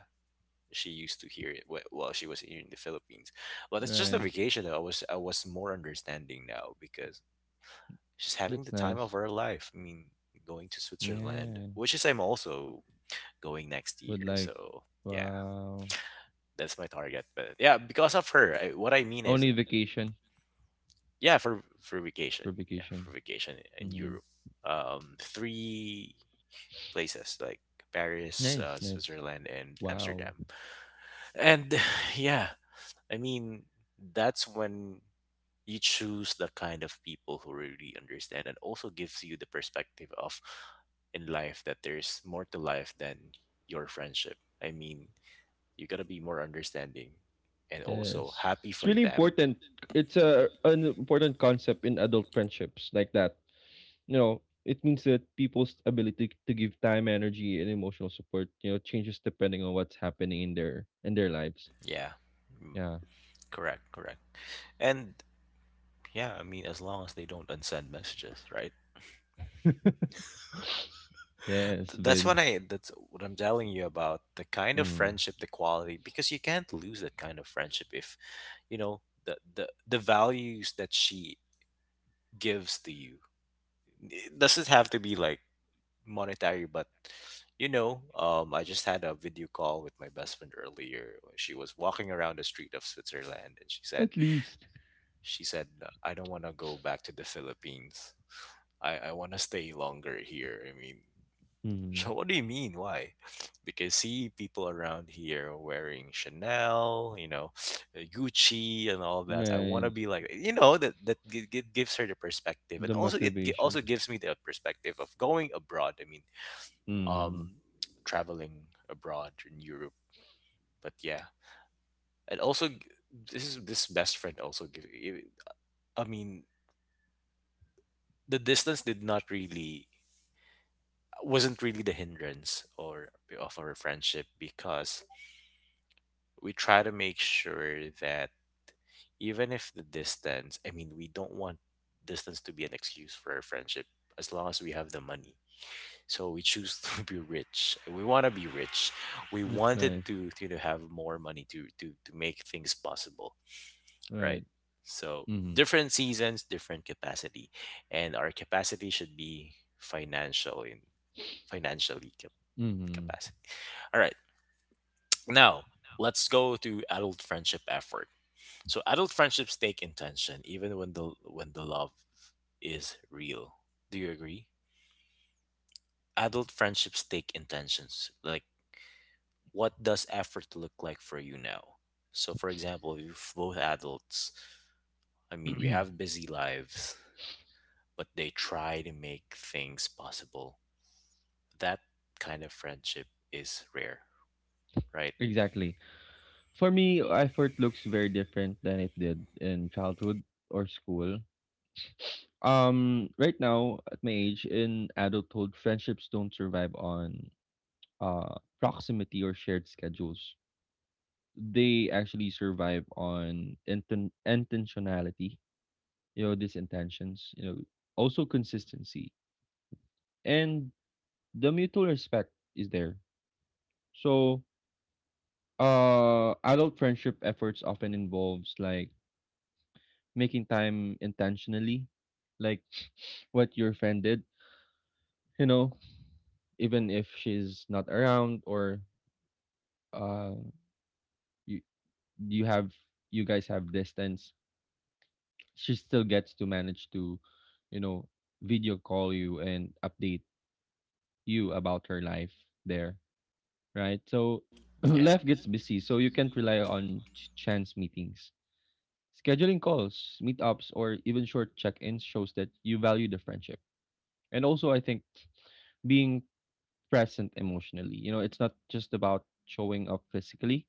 she used to hear it while she was here in the Philippines. But it's just a
Right.
vacation that I was more understanding now because she's having the
That's
time of
nice.
her life. I mean, going to Switzerland, which
Yes.
is I'm also going next
But
year.
like,
So yeah,
wow.
that's my target. But yeah, because of her, I, what I mean is.
Only vacation.
Yeah, for vacation.
For
Yeah,
vacation.
for vacation in
Mm-hmm.
Europe. Three places like Paris,
Nice, nice.
Switzerland, and
Wow.
Amsterdam. And yeah, I mean, that's when you choose the kind of people who really understand and also gives you the perspective of in life that there's more to life than your friendship. I mean, you gotta be more understanding and also
Yes,
happy
it's
for
really
them.
important. It's a an important concept in adult friendships like that. You know, it means that people's ability to give time, energy, and emotional support, you know, changes depending on what's happening in their lives.
Yeah. Mm,
Yeah.
correct, correct. And yeah, I mean, as long as they don't unsend messages, right?
Yes,
That's when
Vince.
that's what I'm telling you about the kind of
Mm.
friendship, the quality, because you can't lose that kind of friendship if, you know, the values that she gives to you. It doesn't have to be like monetary, but, you know, I just had a video call with my best friend earlier. She was walking around the street of Switzerland and
At least.
she said, I don't want to go back to the Philippines. I want to stay longer here. I mean,
Mm.
so what do you mean? Why? Because see, people around here wearing Chanel, you know, Gucci, and all that. I want to
Right.
be like, you know, that gives her the perspective, and
The
also
motivation.
also gives me the perspective of going abroad. I mean,
Mm.
um, traveling abroad in Europe. But yeah, and also this is this best friend also give. I mean, the distance did not really wasn't really the hindrance or of our friendship because we try to make sure that even if the distance, I mean, we don't want distance to be an excuse for our friendship as long as we have the money. So we choose to be rich. We want to be rich. We
That's
wanted
nice.
to you know, have more money to make things possible, right?
Right.
So
Mm.
different seasons, different capacity, and our capacity should be financial in financially cap-
Mm.
capacity. All right. Now, let's go to adult friendship effort. So adult friendships take intention even when the love is real. Do you agree? Adult friendships take intentions. Like what does effort look like for you now? So for example, if both adults, I mean, we have busy lives, but they try to make things possible. That kind of friendship is rare, right?
Exactly. For me, effort looks very different than it did in childhood or school. Right now, at my age, in adulthood, friendships don't survive on uh proximity or shared schedules. They actually survive on intentionality, you know, these intentions, you know, also consistency, and the mutual respect is there. So adult friendship efforts often involves like making time intentionally, like what your friend did, you know, even if she's not around, or uh you you have, you guys have distance, she still gets to manage to, you know, video call you and update you about her life there, right? So
Yeah.
life gets busy, so you can't rely on chance meetings. Scheduling calls, meetups, or even short check ins shows that you value the friendship. And also, I think being present emotionally, you know, it's not just about showing up physically,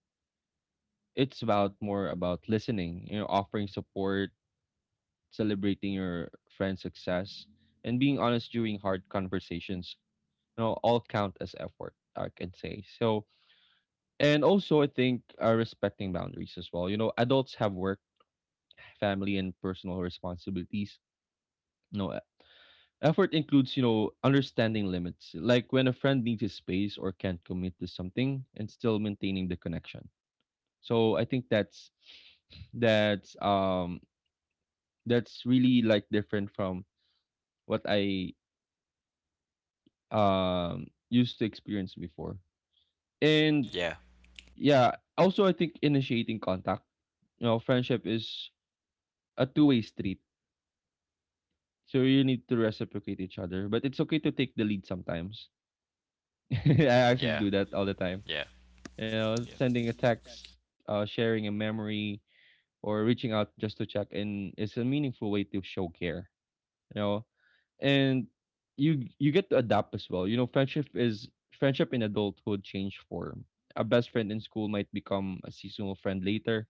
it's about more about listening, you know, offering support, celebrating your friend's success, and being honest during hard conversations. You know, all count as effort, I can say. So, and also, I think respecting boundaries as well. You know, adults have work, family, and personal responsibilities. You know, effort includes, you know, understanding limits, like when a friend needs his space or can't commit to something, and still maintaining the connection. So I think that's that's that's really like different from what I used to experience before. And
Yeah.
yeah, also I think initiating contact. You know, friendship is a two-way street. So you need to reciprocate each other, but it's okay to take the lead sometimes. I actually
Yeah.
do that all the time.
Yeah,
You know,
yeah,
sending a text, sharing a memory, or reaching out just to check in is a meaningful way to show care. You know, and you get to adapt as well. You know, friendship in adulthood change form. A best friend in school might become a seasonal friend later.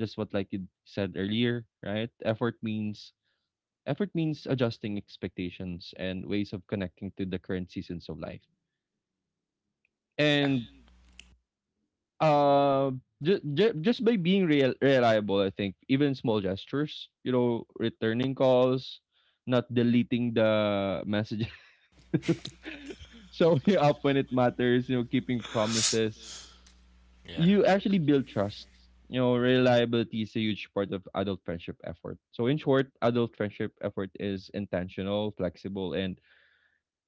Just what like you said earlier, right? Effort means adjusting expectations and ways of connecting to the current seasons of life. And uh, just by being reliable, I think, even small gestures, you know, returning calls, not deleting the messages, showing up when it matters, you know, keeping promises.
yeah.
You actually build trust. You know, reliability is a huge part of adult friendship effort. So, in short, adult friendship effort is intentional, flexible, and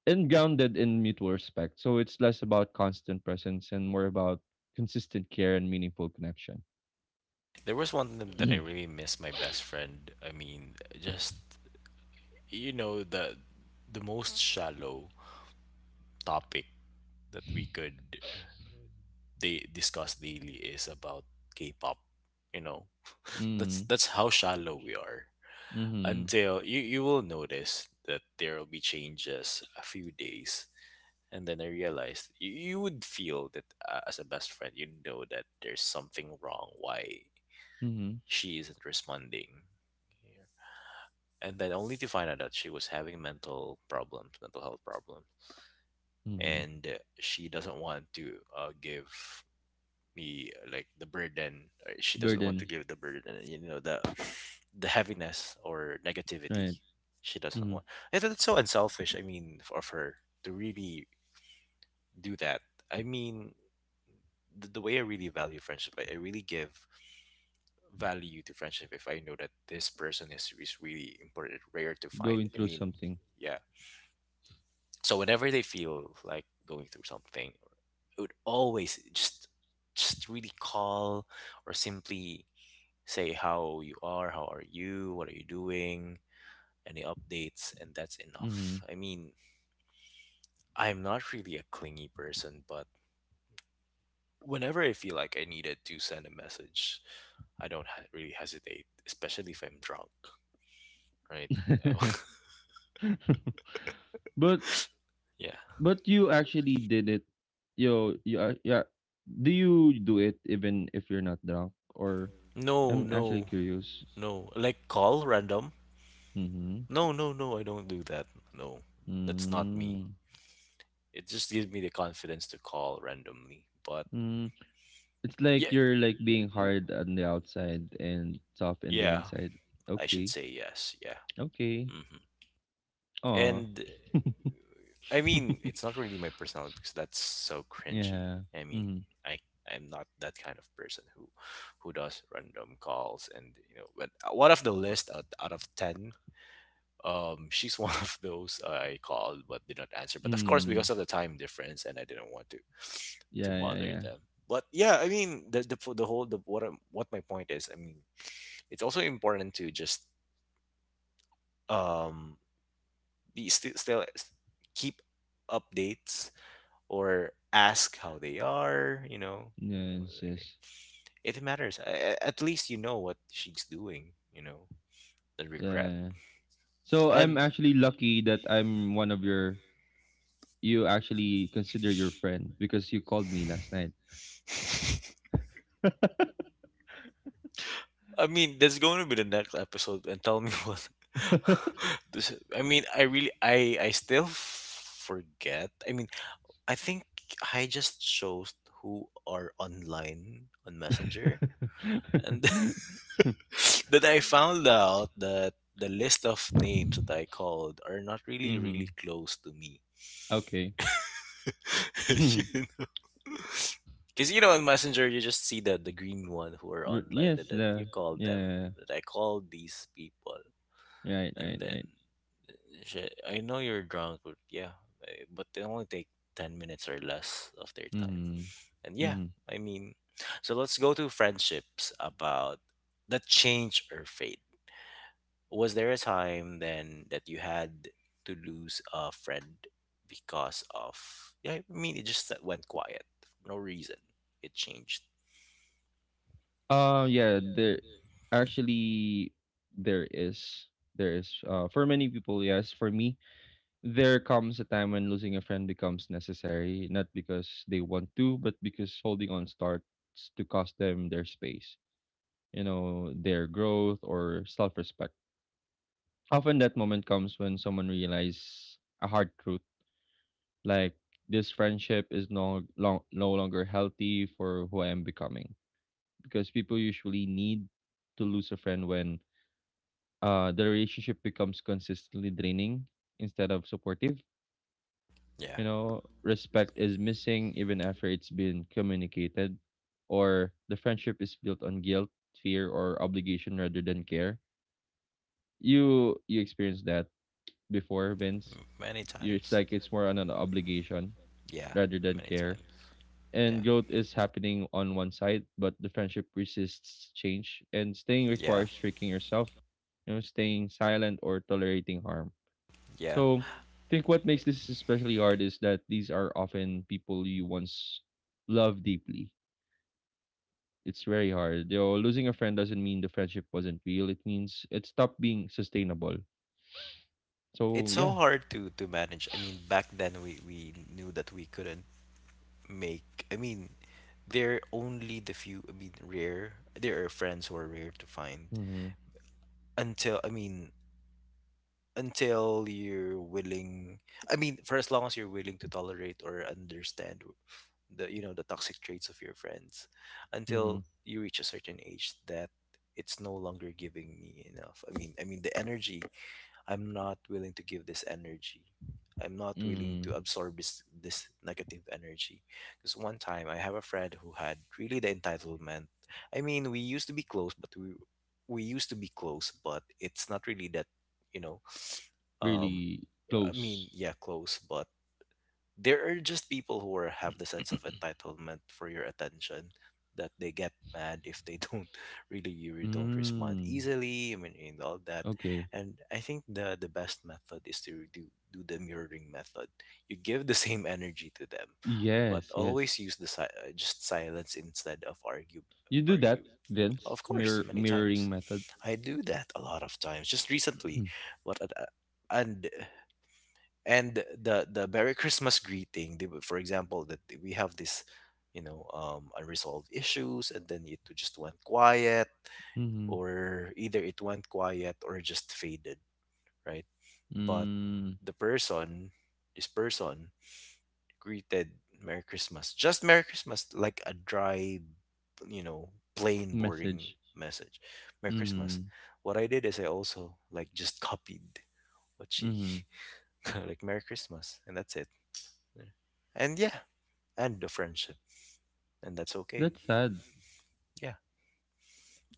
grounded in mutual respect. So it's less about constant presence and more about consistent care and meaningful connection.
There was one time that I really miss my best friend. I mean, just you know the most shallow topic that we could they discuss daily is about K-pop. You know, that's
Mm-hmm.
how shallow we are.
Mm-hmm.
Until you will notice that there will be changes a few days, and then I realized you would feel that as a best friend, you know that there's something wrong. Why
Mm-hmm.
she isn't responding. Yeah. And then only to find out that she was having mental problems, mental health problems.
Mm-hmm.
And she doesn't want to give me like the burden. She doesn't want to
Burden.
give the burden, you know, the heaviness or negativity.
Right.
She doesn't
Mm-hmm.
want. I thought it's so unselfish. I mean, of her to really do that. I mean, the way I really value friendship, I really give value to friendship if I know that this person is really important, rare to find.
Going
I
through
mean,
something.
yeah. So whenever they feel like going through something, it would always just really call or simply say how you are, how are you, what are you doing, any updates, and that's enough.
Mm-hmm.
I mean, I'm not really a clingy person, but whenever I feel like I needed to send a message, I don't ha- really hesitate, especially if I'm drunk, right?
but
Yeah.
but you actually did it. Yo, yeah, yeah. Do you do it even if you're not drunk? Or
No,
I'm actually
no,
curious.
no. Like call random.
Mm-hmm.
No, no, no. I don't do that. No, that's not me.
Mm-hmm.
It just gives me the confidence to call randomly. But
Mm-hmm. It's like
yeah,
you're like being
w-
hard on the outside and soft in the
yeah.
inside.
I should
Okay.
say yes. Yeah.
Okay.
Hmm.
Aw.
And I mean, it's not really my personality because that's so cringy.
Yeah.
I mean,
Mm.
I I'm not that kind of person who does random calls and you know. But out of the list out of ten she's one of those I called but did not answer, but of course
Mm.
because of the time difference and I didn't want to to
Yeah, yeah,
bother
yeah.
them. But yeah, I mean the whole the what what my point is, I mean, it's also important to just um be keep updates or ask how they are, you know.
Yes, yes.
It matters. At least you know what she's doing, you know, the
Yeah,
regret.
yeah. So I'm
And
actually lucky that I'm one of your, you actually consider your friend because you called me last night.
I mean, that's going to be the next episode, and tell me what. This, I mean, I really, I still forget. I mean, I think I just chose who are online on Messenger, and that I found out that the list of names that I called are not really,
Mm-hmm.
really close to me.
Okay.
You. Because you know, on Messenger, you just see the green one who are online, and
Yes,
then you
the
call them.
yeah,
That I called these people,
yeah, yeah. Right,
and
right,
then
right.
she, I know you're drunk, but yeah, eh, but they only take 10 minutes or less of their time.
Mm-hmm.
And yeah,
Mm-hmm.
I mean, so let's go to friendships about that change or fade. Was there a time then that you had to lose a friend because of, yeah, I mean, it just that went quiet for no reason. It changed.
Yeah, actually there is, there is, for many people, yes, for me, there comes a time when losing a friend becomes necessary, not because they want to, but because holding on starts to cost them their space, you know, their growth or self-respect. Often that moment comes when someone realizes a hard truth, like this friendship is no longer healthy for who I am becoming, because people usually need to lose a friend when the relationship becomes consistently draining instead of supportive.
Yeah,
You know, respect is missing even after it's been communicated, or the friendship is built on guilt, fear, or obligation rather than care. You experienced that before, Vince.
many
You, it's
times.
like it's more on an obligation
Yeah,
rather than
many
care.
times.
And
Yeah,
growth is happening on one side, but the friendship resists change, and staying
yeah,
requires tricking yourself, you know, staying silent or tolerating harm.
yeah.
So, I think what makes this especially hard is that these are often people you once loved deeply. It's very hard. You know, losing a friend doesn't mean the friendship wasn't real. It means it stopped being sustainable. So
It's so
yeah.
hard to manage. I mean, back then we knew that we couldn't make. I mean, they're only the few. I mean, rare. There are friends who are rare to find.
Mm-hmm.
Until I mean, until you're willing. I mean, for as long as you're willing to tolerate or understand the you know the toxic traits of your friends,
Mm-hmm.
until you reach a certain age that it's no longer giving me enough. I mean the energy I'm not willing to give this energy. I'm not willing
Mm.
to absorb this negative energy. Because one time I have a friend who had really the entitlement. I mean, we used to be close, but we used to be close, but it's not really that, you know. Um,
Really
I
close.
mean, yeah, close, but there are just people who are, have the sense of entitlement for your attention, that they get mad if they don't don't respond
Mm.
easily, I mean, and all that.
Okay.
And I think the best method is to do the mirroring method. You give the same energy to them, but
Yes. Yes.
always use just silence instead of argue
You do that,
arguing. Of
Vince.
course, many
Mirroring
times
method.
I do that a lot of times just recently. What, and and the merry christmas greeting they, would- for example that we have this you know unresolved issues and then it just went quiet,
Mm-hmm.
or either it went quiet or just faded, right? But
Mm.
the person, this person greeted merry christmas, just merry christmas, like a dry, you know, plain boring
Message.
message, merry christmas.
Mm-hmm.
What I did is I also like just copied what she
Mm-hmm.
like merry christmas, and that's it. And yeah, and the friendship, and that's okay.
That's sad.
Yeah,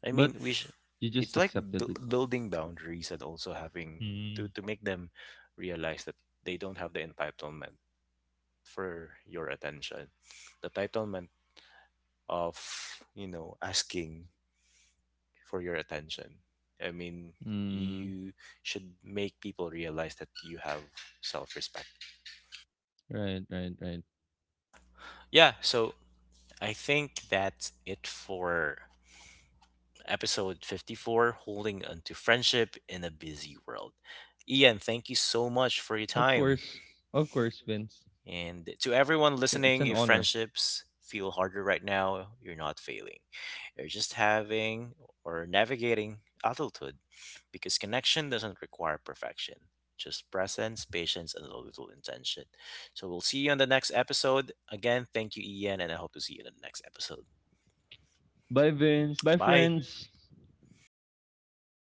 I mean,
But
we should,
you just
it's like
accepted it.
building boundaries and also having
Mm.
to make them realize that they don't have the entitlement for your attention, the entitlement of you know asking for your attention, I mean,
Mm,
you should make people realize that you have self-respect.
right, right, right.
Yeah, so I think that's it for episode 54 Holding Onto Friendship in a Busy World. Ian, thank you so much for your
Of
time.
course. Of course, Vince.
And to everyone
It's, it's
listening,
an
if
honor.
friendships feel harder right now, you're not failing. You're just having or navigating adulthood because connection doesn't require perfection, just presence, patience, and a little intention. So we'll see you on the next episode. Again, thank you, Ian, and I hope to see you in the next episode.
Bye, Vince. Bye,
Bye.
friends.